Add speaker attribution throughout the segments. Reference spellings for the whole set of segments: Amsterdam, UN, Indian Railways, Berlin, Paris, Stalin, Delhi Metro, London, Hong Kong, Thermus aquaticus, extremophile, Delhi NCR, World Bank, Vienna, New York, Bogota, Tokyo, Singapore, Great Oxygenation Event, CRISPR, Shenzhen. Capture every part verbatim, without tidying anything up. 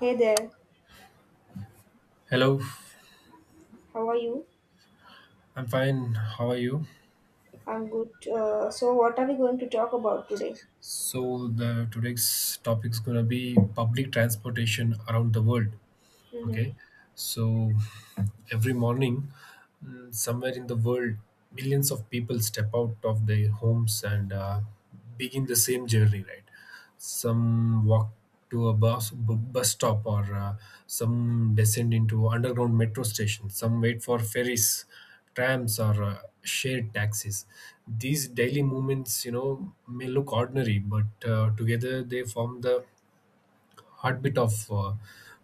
Speaker 1: Hey there,
Speaker 2: Hello,
Speaker 1: how are you?
Speaker 2: I'm fine. How are you?
Speaker 1: I'm good. Uh, so, what are we going to talk about today?
Speaker 2: So the today's topic is gonna be public transportation around the world.
Speaker 1: Mm-hmm.
Speaker 2: Okay, so every morning, mm, somewhere in the world, millions of people step out of their homes and uh, begin the same journey, right? Some walk to a bus, bu- bus stop, or uh, some descend into underground metro stations, some wait for ferries, trams, or uh, shared taxis. These daily movements, you know, may look ordinary, but uh, together they form the heartbeat of uh,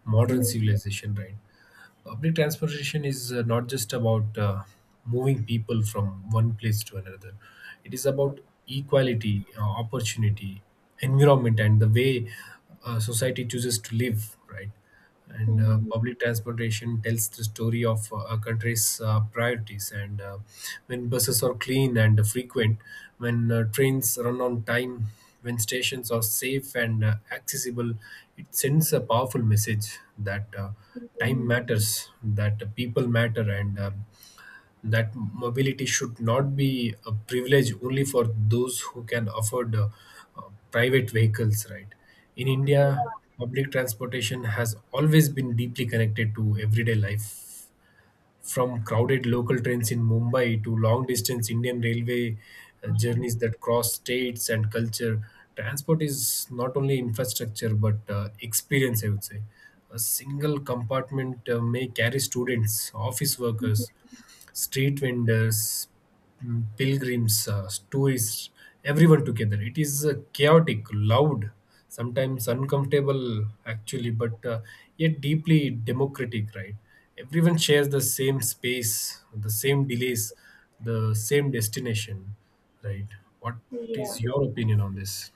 Speaker 2: modern
Speaker 1: Mm-hmm.
Speaker 2: civilization, right? Public transportation is uh, not just about uh, moving people from one place to another. It is
Speaker 1: Yeah.
Speaker 2: about equality, uh, opportunity, environment, and the way uh, society chooses to live, right? And uh,
Speaker 1: Mm-hmm.
Speaker 2: public transportation tells the story of uh, a country's uh, priorities. And uh, when buses are clean and frequent, when uh, trains run on time, when stations are safe and uh, accessible, it sends a powerful message that. Uh, time
Speaker 1: Mm-hmm.
Speaker 2: matters, that people matter, and uh, that mobility should not be a privilege only for those who can afford uh, uh, private vehicles, right? In India, public transportation has always been deeply connected to everyday life from crowded local trains in Mumbai to long distance Indian railway uh, journeys that cross states and culture, transport is not only infrastructure but uh, experience, I would say. A single compartment uh, may carry students, office workers, street vendors, mm, pilgrims, uh, tourists, everyone together. It is uh, chaotic, loud, sometimes uncomfortable, actually, but uh, yet deeply democratic, right? Everyone shares the same space, the same delays, the same destination, right? What is
Speaker 1: Yeah.
Speaker 2: your opinion on this?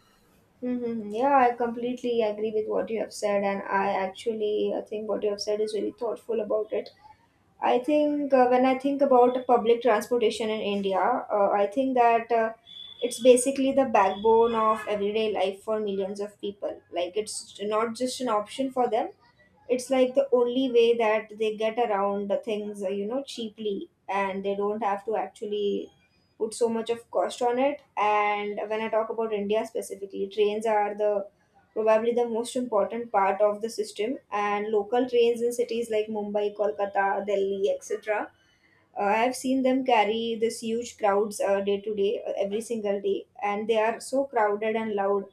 Speaker 1: Mm-hmm. Yeah, I completely agree with what you have said, and I actually I think what you have said is really thoughtful about it. I think uh, when I think about public transportation in India, uh, I think that uh, it's basically the backbone of everyday life for millions of people. Like, it's not just an option for them, it's like the only way that they get around the things uh, you know cheaply, and they don't have to actually put so much of cost on it. And when I talk about India specifically, trains are the probably the most important part of the system, and local trains in cities like Mumbai, Kolkata, Delhi, etc. uh, I've seen them carry this huge crowds uh, day to day, uh, every single day, and they are so crowded and loud.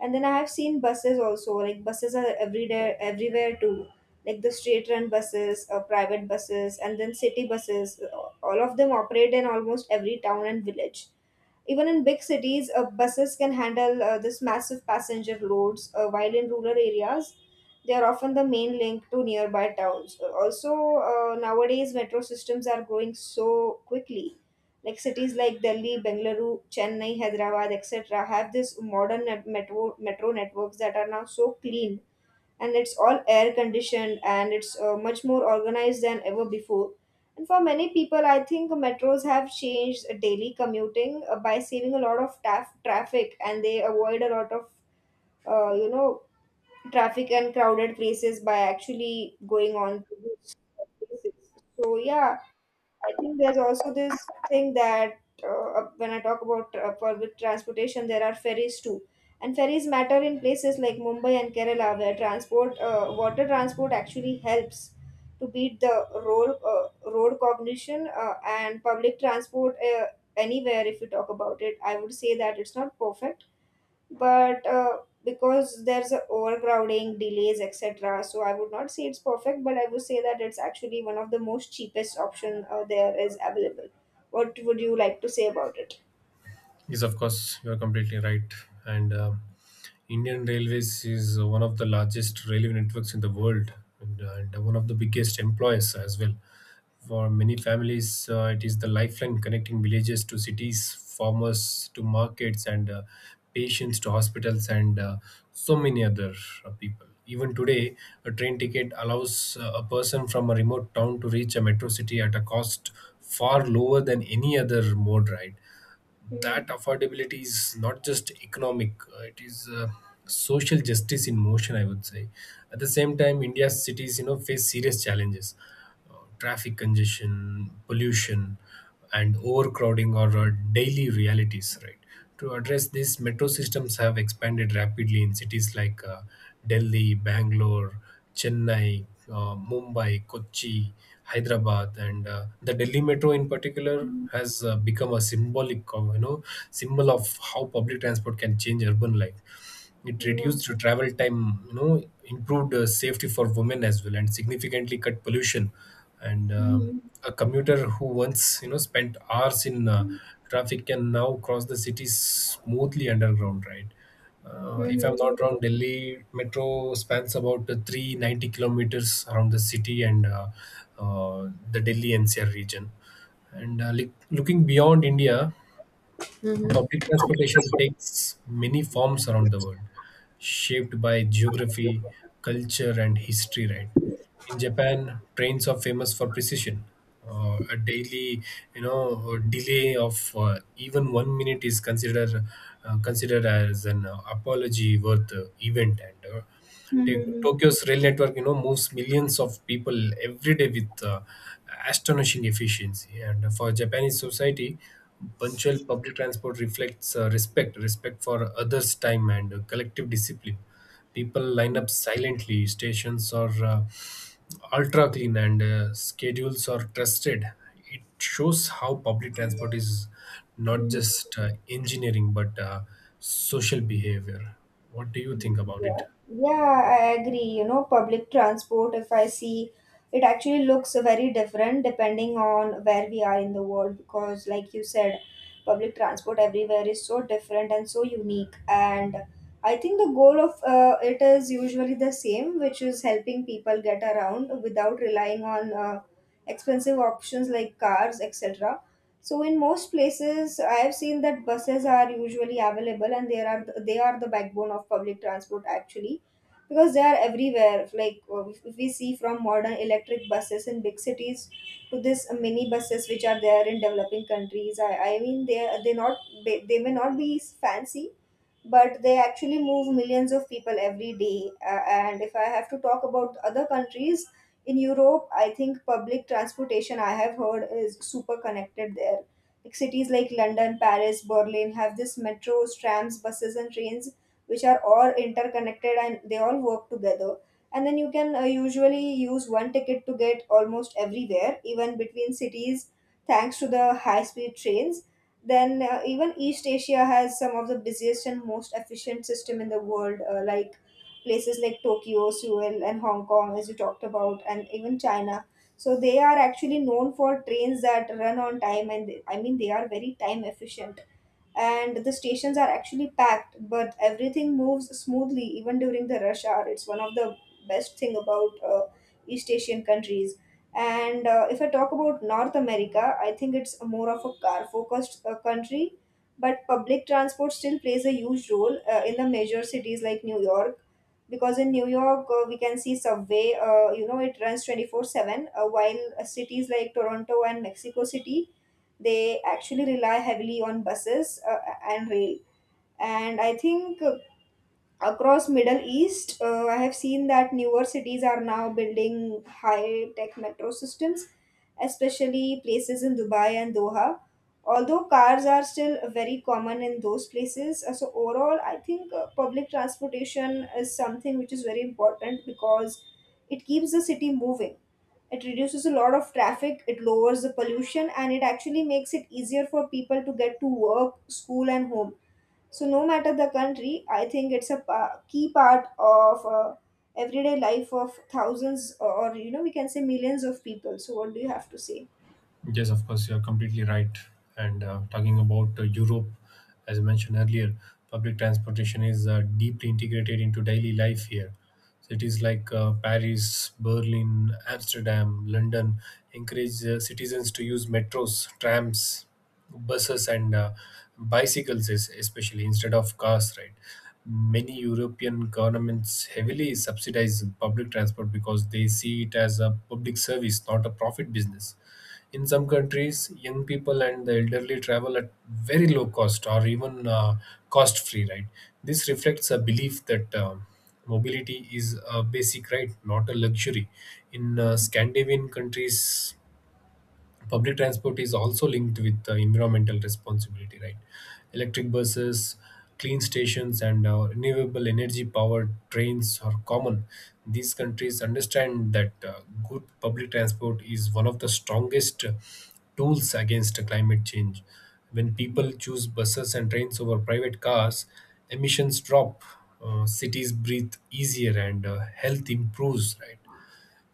Speaker 1: And then I have seen buses also. Like buses are every day everywhere too, like the straight run buses, uh, private buses, and then city buses. Uh, all of them operate in almost every town and village. Even in big cities, uh, buses can handle uh, this massive passenger loads, uh, while in rural areas, they are often the main link to nearby towns. Uh, Also, uh, nowadays, metro systems are growing so quickly. Like cities like Delhi, Bengaluru, Chennai, Hyderabad, et cetera, have this modern net- metro metro networks that are now so clean, and it's all air conditioned, and it's uh, much more organized than ever before. And for many people, I think metros have changed daily commuting uh, by saving a lot of taf- traffic, and they avoid a lot of, uh, you know, traffic and crowded places by actually going on to these places. So, yeah, I think there's also this thing that uh, when I talk about uh, public transportation, there are ferries too. And ferries matter in places like Mumbai and Kerala, where transport, uh, water transport actually helps to beat the road, uh, road cognition, uh, and public transport uh, anywhere. If you talk about it, I would say that it's not perfect, but uh, because there's a overcrowding delays etc., so I would not say it's perfect, but I would say that it's actually one of the most cheapest option uh, there is available. What would you like to say about it?
Speaker 2: Yes, of course, you are completely right. And um Indian Railways is one of the largest railway networks in the world and, uh, and one of the biggest employers as well. For many families, uh, it is the lifeline connecting villages to cities, farmers to markets, and uh, patients to hospitals, and uh, so many other uh, people. Even today, a train ticket allows uh, a person from a remote town to reach a metro city at a cost far lower than any other mode, right? That
Speaker 1: Mhm.
Speaker 2: affordability is not just economic, uh, it is uh, social justice in motion, I would say. At the same time, India's cities, you know, face serious challenges, uh, traffic congestion, pollution, and overcrowding are uh, daily realities, right? To address this, metro systems have expanded rapidly in cities like uh, Delhi, Bangalore, Chennai, uh, Mumbai, Kochi, Hyderabad, and uh, the Delhi Metro in particular has uh, become a symbolic, of, you know, symbol of how public transport can change urban life. It
Speaker 1: Yeah.
Speaker 2: reduced travel time, you know, improved uh, safety for women as well, and significantly cut pollution. And uh,
Speaker 1: Mhm.
Speaker 2: a commuter who once, you know, spent hours in uh, traffic can now cross the city smoothly underground, right? Uh,
Speaker 1: Mhm.
Speaker 2: if I'm not
Speaker 1: Mhm.
Speaker 2: wrong, Delhi metro spans about uh, three hundred ninety kilometers around the city and uh, uh, the Delhi N C R region. And uh, li- looking beyond India, public transportation takes many forms around the world, shaped by geography, culture, and history, right? In Japan, trains are famous for precision. Uh, a daily, you know, delay of uh, even one minute is considered uh, considered as an uh, apology worth uh, event, and uh, Ta-
Speaker 1: Mhm.
Speaker 2: Tokyo's rail network, you know, moves millions of people every day with uh, astonishing efficiency. And for Japanese society, punctual public transport reflects uh, respect, respect for others' time and uh, collective discipline. People line
Speaker 1: Mhm.
Speaker 2: up silently. Stations are uh, ultra clean and uh, schedules are trusted. It shows how public transport is not
Speaker 1: Mhm.
Speaker 2: just uh, engineering but uh, social behavior. What do you think about
Speaker 1: Yeah,
Speaker 2: it?
Speaker 1: yeah, I agree. You know, public transport, if I see, it actually looks very different depending on where we are in the world, because, like you said, public transport everywhere is so different and so unique. And I think the goal of uh, it is usually the same, which is helping people get around without relying on uh, expensive options like cars, et cetera. So in most places, I have seen that buses are usually available, and they are they are the backbone of public transport actually, because they are everywhere. Like uh, if we see from modern electric buses in big cities to this mini buses which are there in developing countries. I, I mean they they not they, they may not be fancy, but they actually move millions of people every day. Uh, and if I have to talk about other countries, in Europe, I think public transportation I have heard is super connected there. Like cities like London, Paris, Berlin have this metros, trams, buses, and trains which are all interconnected and they all work together. And then you can uh, usually use one ticket to get almost everywhere, even between cities, thanks to the high speed trains. Then, uh, even East Asia has some of the busiest and most efficient system in the world, uh, like places like Tokyo, Seoul, and Hong Kong, as you talked about, and even China. So they are actually known for trains that run on time, and they- I mean they are very time efficient. And the stations are actually packed, but everything moves smoothly even during the rush hour. It's one of the best thing about uh, East Asian countries. And uh, if I talk about North America, I think it's more of a car-focused uh, country, but public transport still plays a huge role uh, in the major cities like New York, because in New York uh, we can see subway. Uh, you know, it runs twenty four seven. Uh, While uh, cities like Toronto and Mexico City, they actually rely heavily on buses uh, and rail. And I think uh, across middle east, uh, I have seen that newer cities are now building high tech metro systems, especially places in Dubai and Doha, although cars are still very common in those places. Uh, so overall I think uh, public transportation is something which is very important because it keeps the city moving, it reduces a lot of traffic, it lowers the pollution, and it actually makes it easier for people to get to work, school, and home. So no matter the country, I think it's a pa- key part of uh, everyday life of thousands, or you know, we can say millions of people. So what do you have to say?
Speaker 2: Yes, of course, you're completely right. And uh, talking about uh, Europe, as I mentioned earlier, public transportation is uh, deeply integrated into daily life here. Cities like uh, Paris, Berlin, Amsterdam, London encourage uh, citizens to use metros, trams, buses, and uh, bicycles, es- especially instead of cars, right? Many European governments heavily subsidize public transport because they see it as a public service, not a profit business. In some countries, young people and the elderly travel at very low cost or even uh, cost free, right? This reflects a belief that uh, mobility is a basic right, not a luxury. In
Speaker 1: Hmm.
Speaker 2: uh, Scandinavian countries, public transport is also linked with uh, environmental responsibility, right? Electric buses, clean stations, and uh, renewable energy powered trains are common. These countries understand that uh, good public transport is one of the strongest uh, tools against climate change. When people choose buses and trains over private cars, emissions drop, uh, cities breathe easier, and uh, health improves, right?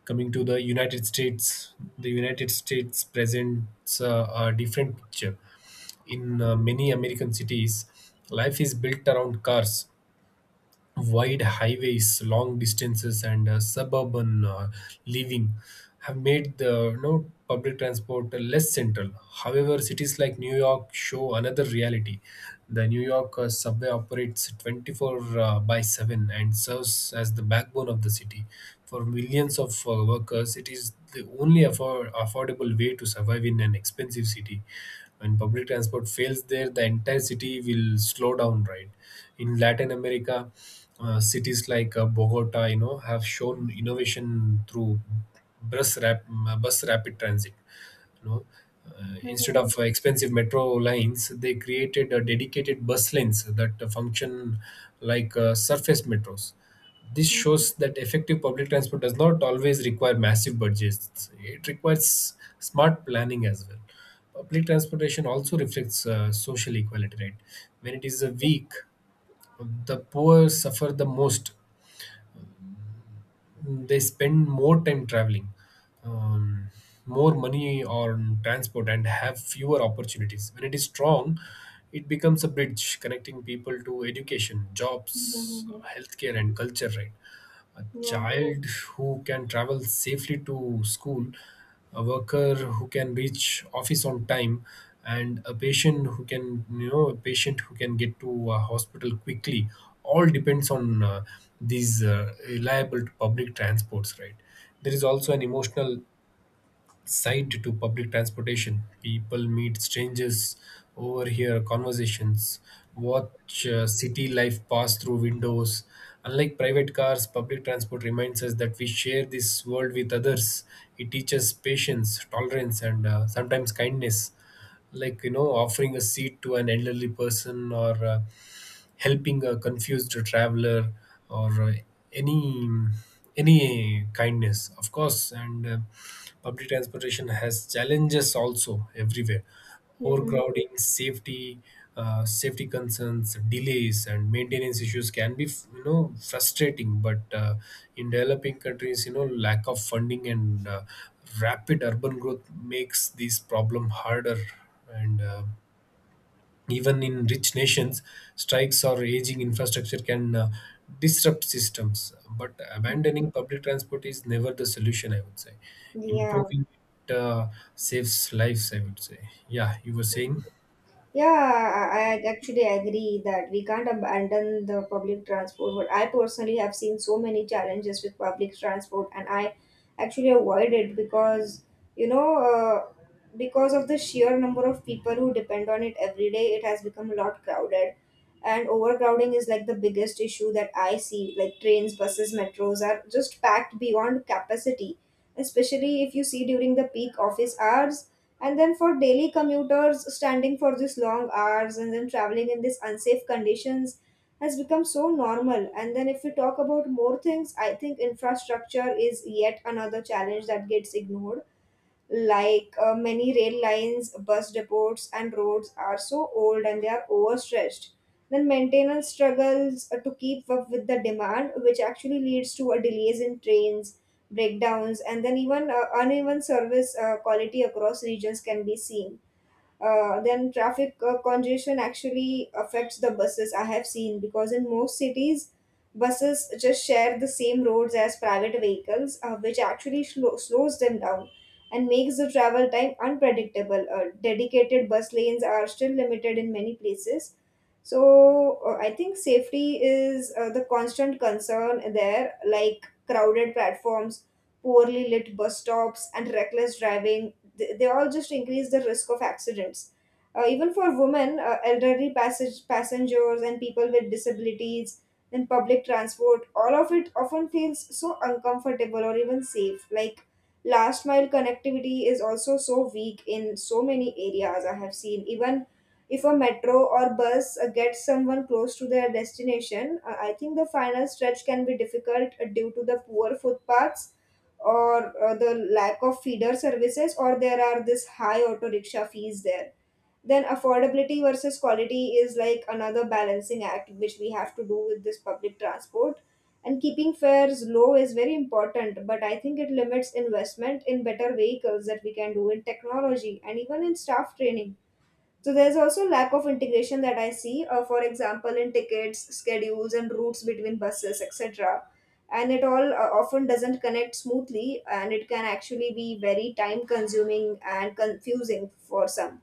Speaker 2: Coming to the United States, the United States presents uh, a different picture. In uh, many American cities, life is built around cars, wide highways, long distances, and uh, suburban uh, living have made the, you know, public transport less central. However, cities like New York show another reality. The New York uh, subway operates twenty four uh, by seven and serves as the backbone of the city. For millions of uh, workers, it is the only afford- affordable way to survive in an expensive city. When public transport fails there, the entire city will slow down, right? In Latin America, uh, cities like uh, Bogota, you know, have shown innovation through bus rap- bus rapid transit. You know, uh, instead
Speaker 1: Hmm.
Speaker 2: of expensive metro lines, they created uh, dedicated bus lanes that function like uh, surface metros. This
Speaker 1: Hmm.
Speaker 2: shows that effective public transport does not always require massive budgets. It requires smart planning as well. Public transportation also reflects uh, social equality, right? When it is uh, weak, the poor suffer the most. They spend more time traveling, um, more money on transport, and have fewer opportunities. When it is strong, it becomes a bridge connecting people to education, jobs,
Speaker 1: Hmm. Hmm.
Speaker 2: healthcare, and culture, right? A
Speaker 1: Yeah.
Speaker 2: child who can travel safely to school, a worker who can reach office on time, and a patient who can you know a patient who can get to a hospital quickly. All depends on uh, these uh, reliable public transports, right? There is also an emotional sight to public transportation. People meet strangers, overhear conversations, watch uh, city life pass through windows. Unlike private cars, public transport reminds us that we share this world with others. It teaches patience, tolerance, and uh, sometimes kindness, like, you know, offering a seat to an elderly person, or uh, helping a confused traveler, or uh, any any kindness, of course. And uh, public transportation has challenges also everywhere,
Speaker 1: Hmm.
Speaker 2: overcrowding, safety, uh, safety concerns, delays, and maintenance issues can be, you know, frustrating, but uh, in developing countries, you know, lack of funding and uh, rapid urban growth makes this problem harder, and uh, even in rich nations, strikes or aging infrastructure can uh, disrupt systems. But
Speaker 1: Hmm.
Speaker 2: abandoning public transport is never the solution, I would say.
Speaker 1: Yeah.
Speaker 2: Improving it uh, saves lives, I would say. Yeah, you were saying?
Speaker 1: Yeah, I, I actually agree that we can't abandon the public transport. But I personally have seen so many challenges with public transport, and I actually avoid it because you know, uh, because of the sheer number of people who depend on it every day, it has become a lot crowded. And overcrowding is like the biggest issue that I see. Like trains, buses, metros are just packed beyond capacity, especially if you see during the peak office hours, and then for daily commuters, standing for these long hours and then traveling in these unsafe conditions has become so normal. And then if we talk about more things, I think infrastructure is yet another challenge that gets ignored, like uh, many rail lines, bus depots, and roads are so old and they are overstretched. Then maintenance struggles uh, to keep up with the demand, which actually leads to a delays in trains, breakdowns, and then even uh, uneven service uh, quality across regions can be seen. Uh, then traffic uh, congestion actually affects the buses I have seen, because in most cities buses just share the same roads as private vehicles, uh, which actually slo- slows them down and makes the travel time unpredictable. Uh, dedicated bus lanes are still limited in many places. So uh, I think safety is uh, the constant concern there, like crowded platforms, poorly lit bus stops, and reckless driving, th- they all just increase the risk of accidents. Uh, even for women, uh, elderly passage, passengers, and people with disabilities, then public transport, all of it often feels so uncomfortable or even safe. Like last mile connectivity is also so weak in so many areas I have seen. Even if a metro or bus uh, gets someone close to their destination, uh, I think the final stretch can be difficult uh, due to the poor footpaths, or uh, the lack of feeder services, or there are this high auto rickshaw fees there. Then affordability versus quality is like another balancing act which we have to do with this public transport. And keeping fares low is very important, but I think it limits investment in better vehicles that we can do in technology and even in staff training. So there's also lack of integration that I see, uh, for example, in tickets, schedules, and routes between buses, et cetera. And it all uh, often doesn't connect smoothly, and it can actually be very time consuming and confusing for some.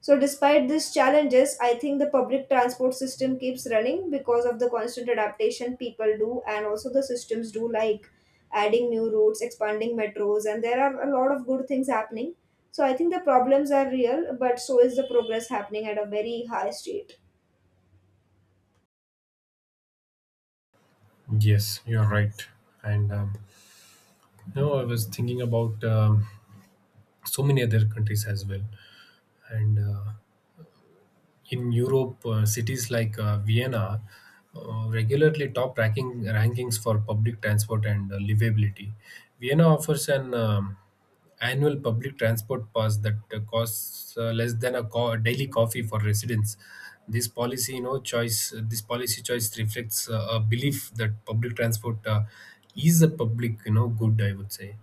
Speaker 1: So, despite these challenges, I think the public transport system keeps running because of the constant adaptation people do, and also the systems do, like adding new routes, expanding metros, and there are a lot of good things happening. So, I think the problems are real, but so is the progress happening at a very high state.
Speaker 2: Yes, you're right. And um, no, I was thinking about um, so many other countries as well. And uh, in Europe, uh, cities like uh, Vienna uh, regularly top ranking rankings for public transport and uh, livability. Vienna offers an um, annual public transport pass that uh, costs uh, less than a co- a daily coffee for residents. This policy, you know, choice. This policy choice reflects uh, a belief that public transport uh, is a public, you know, good, I would say.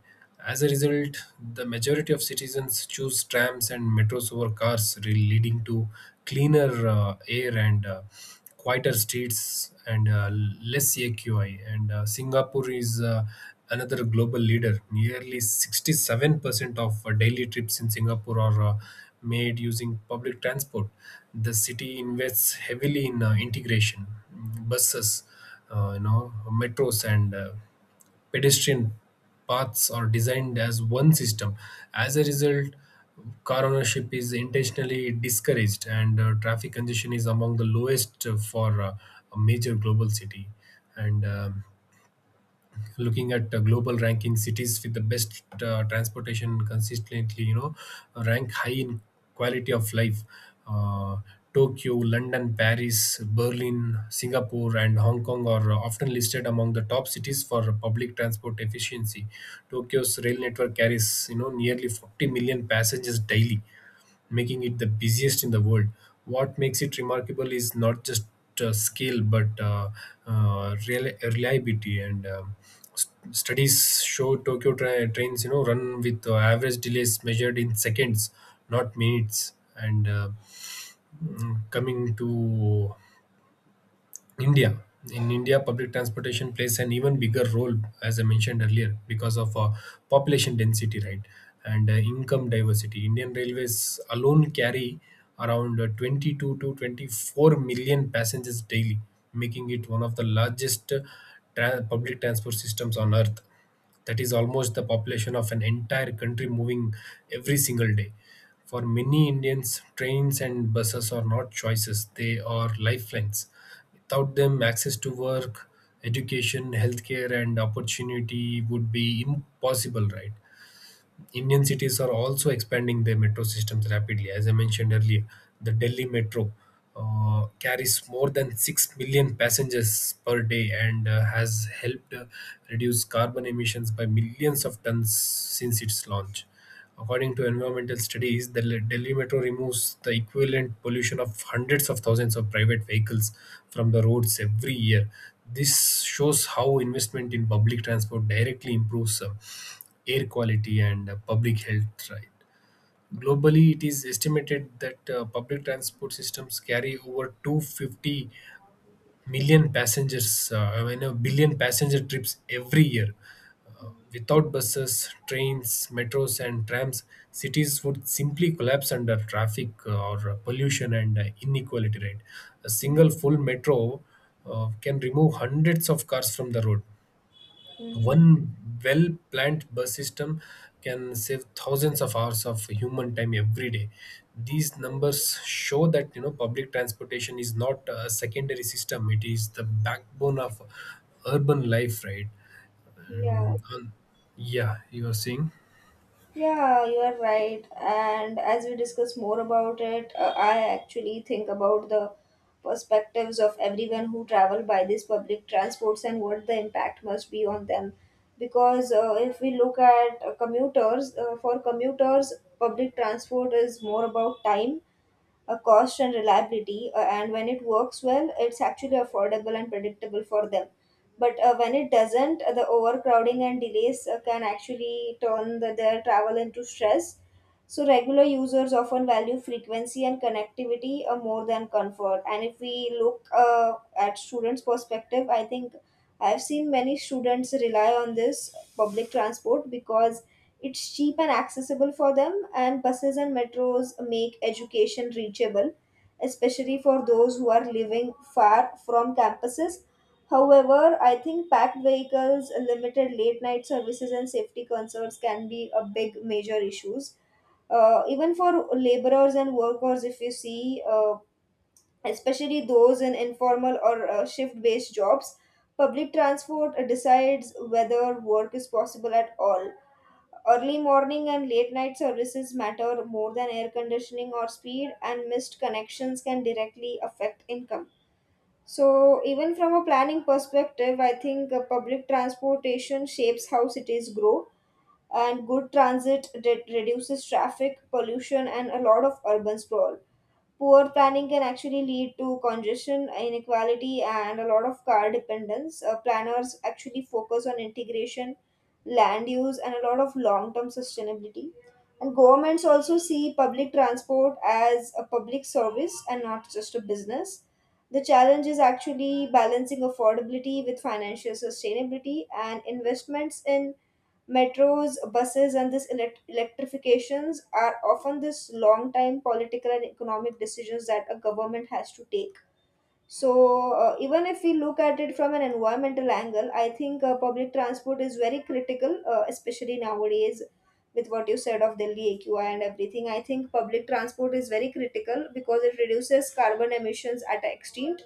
Speaker 2: As a result, the majority of citizens choose trams and metros over cars, re- leading to cleaner uh, air and uh, quieter streets and uh, less A Q I. And uh, Singapore is uh, another global leader. Nearly sixty seven percent of uh, daily trips in Singapore are uh, made using public transport. The city invests heavily in uh, integration, mm, buses, uh, you know, metros, and uh, pedestrian paths are designed as one system. As a result, car ownership is intentionally discouraged, and uh, traffic congestion is among the lowest uh, for uh, a major global city. And um, looking at uh, global ranking cities with the best uh, transportation, consistently, you know, rank high in quality of life. uh, Tokyo, London, Paris, Berlin, Singapore, and Hong Kong are often listed among the top cities for public transport efficiency. Tokyo's rail network carries, you know, nearly forty million passengers daily, making it the busiest in the world. What makes it remarkable is not just uh, scale but uh, uh, reli- reliability and um, st- studies show Tokyo tra- trains, you know, run with uh, average delays measured in seconds, not minutes, and uh, mm, coming to India. In India, public transportation plays an even bigger role, as I mentioned earlier, because of uh, population density, right, and uh, income diversity. Indian Railways alone carry around uh, twenty two to twenty four million passengers daily, making it one of the largest uh, tra- public transport systems on earth. That is almost the population of an entire country moving every single day. For many Indians, trains and buses are not choices, they are lifelines. Without them, access to work, education, healthcare, and opportunity would be impossible, right? Indian cities are also expanding their metro systems rapidly. As I mentioned earlier, the Delhi metro uh, carries more than six million passengers per day and uh, has helped uh, reduce carbon emissions by millions of tons since its launch. According to environmental studies, the Le- Delhi Metro removes the equivalent pollution of hundreds of thousands of private vehicles from the roads every year. This shows how investment in public transport directly improves uh, air quality and uh, public health. Right. Globally, it is estimated that uh, public transport systems carry over two hundred fifty million passengers uh, i mean a billion passenger trips every year. Uh, Without buses, trains, metros and trams, cities would simply collapse under traffic uh, or uh, pollution and uh, inequality, right? A single full metro uh, can remove hundreds of cars from the road.
Speaker 1: Mm-hmm.
Speaker 2: One well planned bus system can save thousands of hours of human time every day. These numbers show that you know public transportation is not a secondary system; it is the backbone of urban life, right?
Speaker 1: Yeah.
Speaker 2: Mm, Um, yeah, you are saying
Speaker 1: Yeah, you are right. And as we discuss more about it, uh, I actually think about the perspectives of everyone who travel by these public transports and what the impact must be on them. Because uh, if we look at uh, commuters, uh, for commuters, public transport is more about time, a cost, and reliability, uh, and when it works well it's actually affordable and predictable for them, but uh, when it doesn't, uh, the overcrowding and delays uh, can actually turn the, their travel into stress. So regular users often value frequency and connectivity uh, more than comfort. And if we look uh, at students' perspective, I think I've seen many students rely on this public transport because it's cheap and accessible for them, and buses and metros make education reachable, especially for those who are living far from campuses. However, I think packed vehicles, limited late night services, and safety concerns can be a big major issues uh, even for laborers and workers if you see uh, especially those in informal or uh, shift based jobs, public transport decides whether work is possible at all. Early morning and late night services matter more than air conditioning or speed, and missed connections can directly affect income. So even from a planning perspective, i think uh, public transportation shapes how cities grow, and good transit re- reduces traffic pollution and a lot of urban sprawl. Poor planning can actually lead to congestion, inequality, and a lot of car dependence. Uh, planners actually focus on integration, land use, and a lot of long term sustainability. And governments also see public transport as a public service and not just a business. The challenge is actually balancing affordability with financial sustainability, and investments in metros, buses, and this elect- electrifications are often this long time political and economic decisions that a government has to take. So, uh, even if we look at it from an environmental angle, I think uh, public transport is very critical, uh, especially nowadays with what you said of Delhi A Q I and everything. I think public transport is very critical because it reduces carbon emissions at an extent,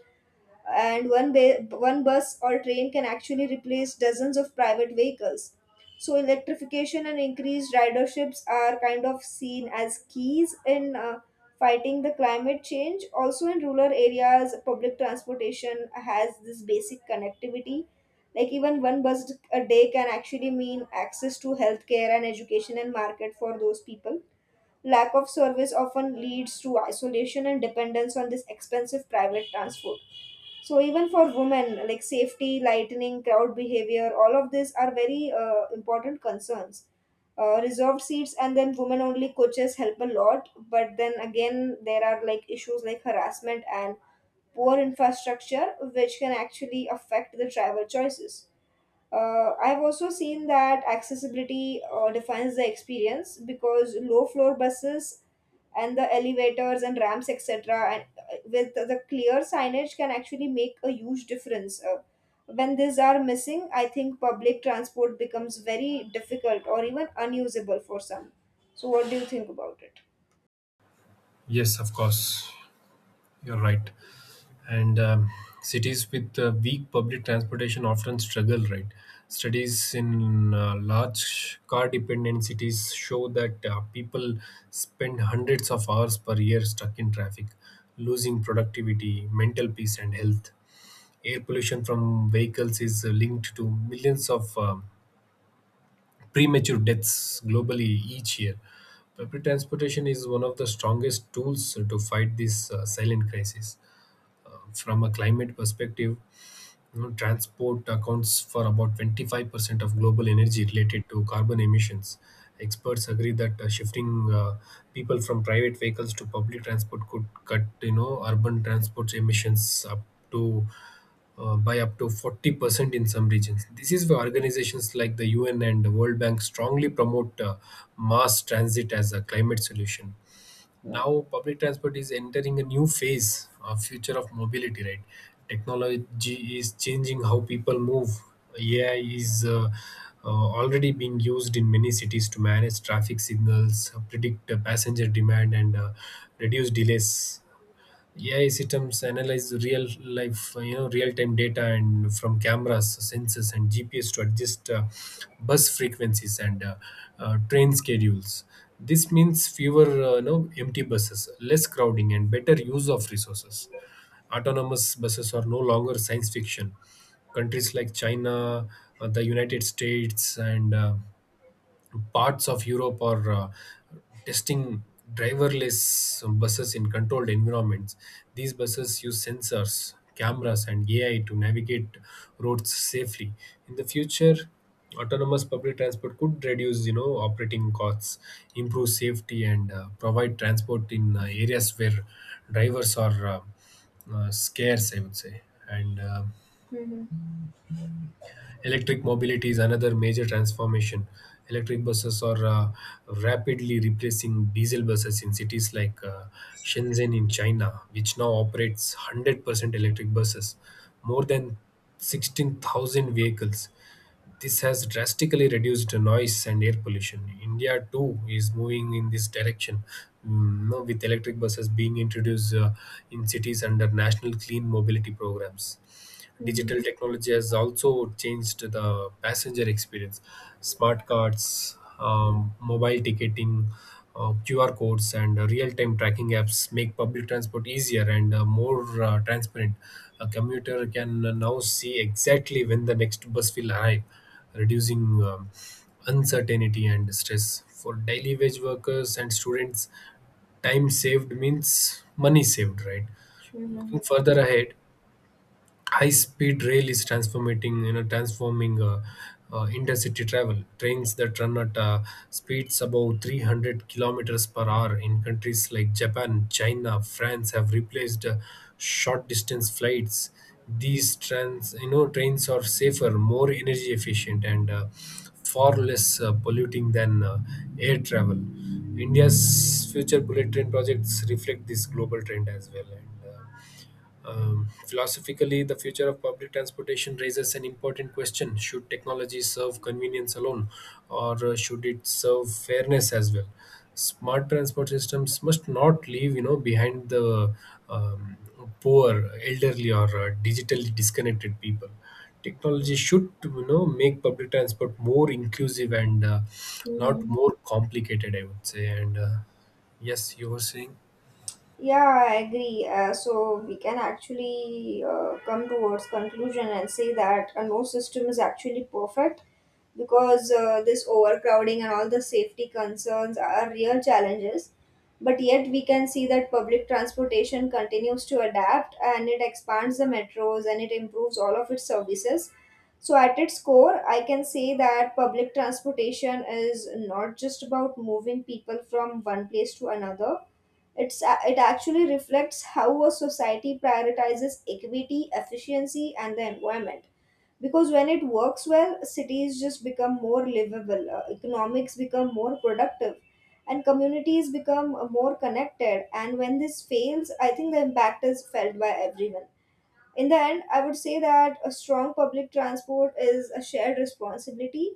Speaker 1: and one ba- one bus or train can actually replace dozens of private vehicles. So electrification and increased riderships are kind of seen as keys in uh, fighting the climate change. Also in rural areas, public transportation has this basic connectivity. Like even one bus a day can actually mean access to healthcare and education and market for those people. Lack of service often leads to isolation and dependence on this expensive private transport. So even for women, like safety, lightening, crowd behavior, all of these are very uh, important concerns. Uh, reserved seats and then women only coaches help a lot, but then again there are like issues like harassment and poor infrastructure which can actually affect the travel choices. uh, I've also seen that accessibility uh, defines the experience because low floor buses and the elevators and ramps, et cetera, and uh, with the clear signage can actually make a huge difference. Uh, when these are missing, I think public transport becomes very difficult or even unusable for some. So, what do you think about it?
Speaker 2: yes, of course, you're right. and um, cities with uh, weak public transportation often struggle, right? Studies in uh, large car dependent cities show that uh, people spend hundreds of hours per year stuck in traffic, losing productivity, mental peace and health. Air pollution from vehicles is uh, linked to millions of um premature deaths globally each year. Public transportation is one of the strongest tools to fight this uh, silent crisis. Uh, from a climate perspective, you know, transport accounts for about twenty five percent of global energy related to carbon emissions. Experts agree that uh, shifting uh, people from private vehicles to public transport could cut, you know, urban transport emissions up to uh, by up to forty percent in some regions. This is why organizations like the U N and the World Bank strongly promote uh, mass transit as a climate solution.
Speaker 1: Yeah.
Speaker 2: Now public transport is entering a new phase, uh, future of mobility, right? Technology is changing how people move. Ai is uh, uh, already being used in many cities to manage traffic signals, predict uh, passenger demand and uh, reduce delays. A I systems analyze real life, you know, real time data and from cameras, sensors, and G P S to adjust uh, bus frequencies and uh, uh, train schedules. This means fewer, uh, you know, empty buses, less crowding, and better use of resources. Autonomous buses are no longer science fiction. Countries like China, uh, the United States, and uh, to Parts of Europe are uh, testing driverless buses in controlled environments. These buses use sensors, cameras, and A I to navigate roads safely. In the future, autonomous public transport could reduce, you know, operating costs, improve safety, and uh, provide transport in uh, areas where drivers are uh, uh, scarce, I would say. And uh,
Speaker 1: Hmm.
Speaker 2: Electric mobility is another major transformation. Electric buses are uh, rapidly replacing diesel buses in cities like uh, Shenzhen in China, which now operates one hundred percent electric buses, more than sixteen thousand vehicles. This has drastically reduced noise and air pollution. India too is moving in this direction, mm, no, with electric buses being introduced uh, in cities under national clean mobility programs.
Speaker 1: Mhm.
Speaker 2: Digital technology has also changed the passenger experience. Smart cards, um, mobile ticketing, uh, Q R codes, and uh, real-time tracking apps make public transport easier and uh, more uh, transparent. A commuter can now see exactly when the next bus will arrive, reducing um, uncertainty and stress. For daily wage workers and students, time saved means money saved, right?
Speaker 1: Mhm.
Speaker 2: Looking further ahead, high speed rail is transforming you know transforming uh, uh, intercity travel. Trains that run at uh, speeds above three hundred kilometers per hour in countries like japan, china, france have replaced uh, short distance flights. These trans you know trains are safer, more energy efficient and uh, far less uh, polluting than uh, air travel. India's future bullet train projects reflect this global trend as well. And uh, um, Philosophically, the future of public transportation raises an important question. Should technology serve convenience alone, or uh, should it serve fairness as well? Smart transport systems must not leave, you know, behind the um, poor, elderly, or uh, digitally disconnected people. Technology should, you know, make public transport more inclusive and uh, not
Speaker 1: Mhm.
Speaker 2: more complicated, I would say. And uh, Yes, you were saying
Speaker 1: Yeah, I agree. Uh, so we can actually uh, come towards conclusion and say that uh, no system is actually perfect because uh, this overcrowding and all the safety concerns are real challenges. But yet we can see that public transportation continues to adapt, and it expands the metros and it improves all of its services. So at its core, I can say that public transportation is not just about moving people from one place to another. It's, uh, it actually reflects how a society prioritizes equity, efficiency, and the environment. Because when it works well, cities just become more livable, uh, economics become more productive, and communities become uh, more connected. And when this fails, I think the impact is felt by everyone. In the end, I would say that a strong public transport is a shared responsibility,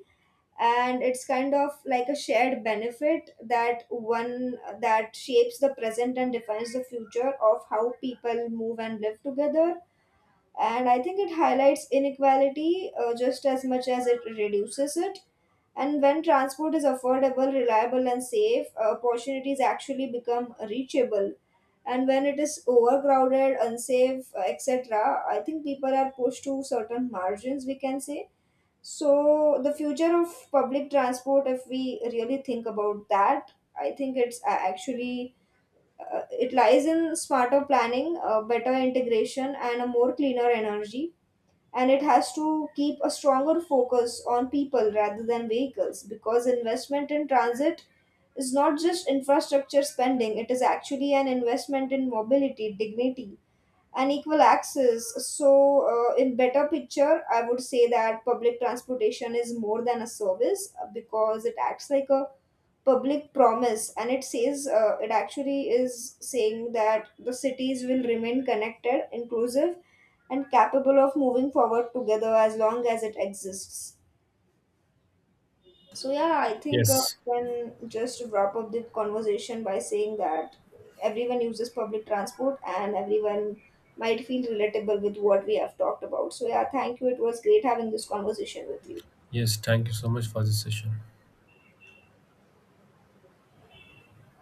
Speaker 1: and it's kind of like a shared benefit, that one that shapes the present and defines the future of how people move and live together. And I think it highlights inequality uh, just as much as it reduces it. And when transport is affordable, reliable, and safe, uh, opportunities actually become reachable. And when it is overcrowded, unsafe, uh, etc., I think people are pushed to certain margins, we can say. So, the future of public transport, if we really think about that, I think it's a- actually uh, it lies in smarter planning, uh, better integration, and a more cleaner energy. And it has to keep a stronger focus on people rather than vehicles, because investment in transit is not just infrastructure spending, it is actually an investment in mobility, dignity, and equal access. So, uh, in better picture, I would say that public transportation is more than a service, uh, because it acts like a public promise, and it says uh, it actually is saying that the cities will remain connected, inclusive, and capable of moving forward together as long as it exists. So yeah, I think uh,
Speaker 2: yes.
Speaker 1: can just wrap up the conversation by saying that everyone uses public transport and everyone might feel relatable with what we have talked about. So yeah, thank you. It was great having this conversation with you.
Speaker 2: Yes, thank you so much for this session.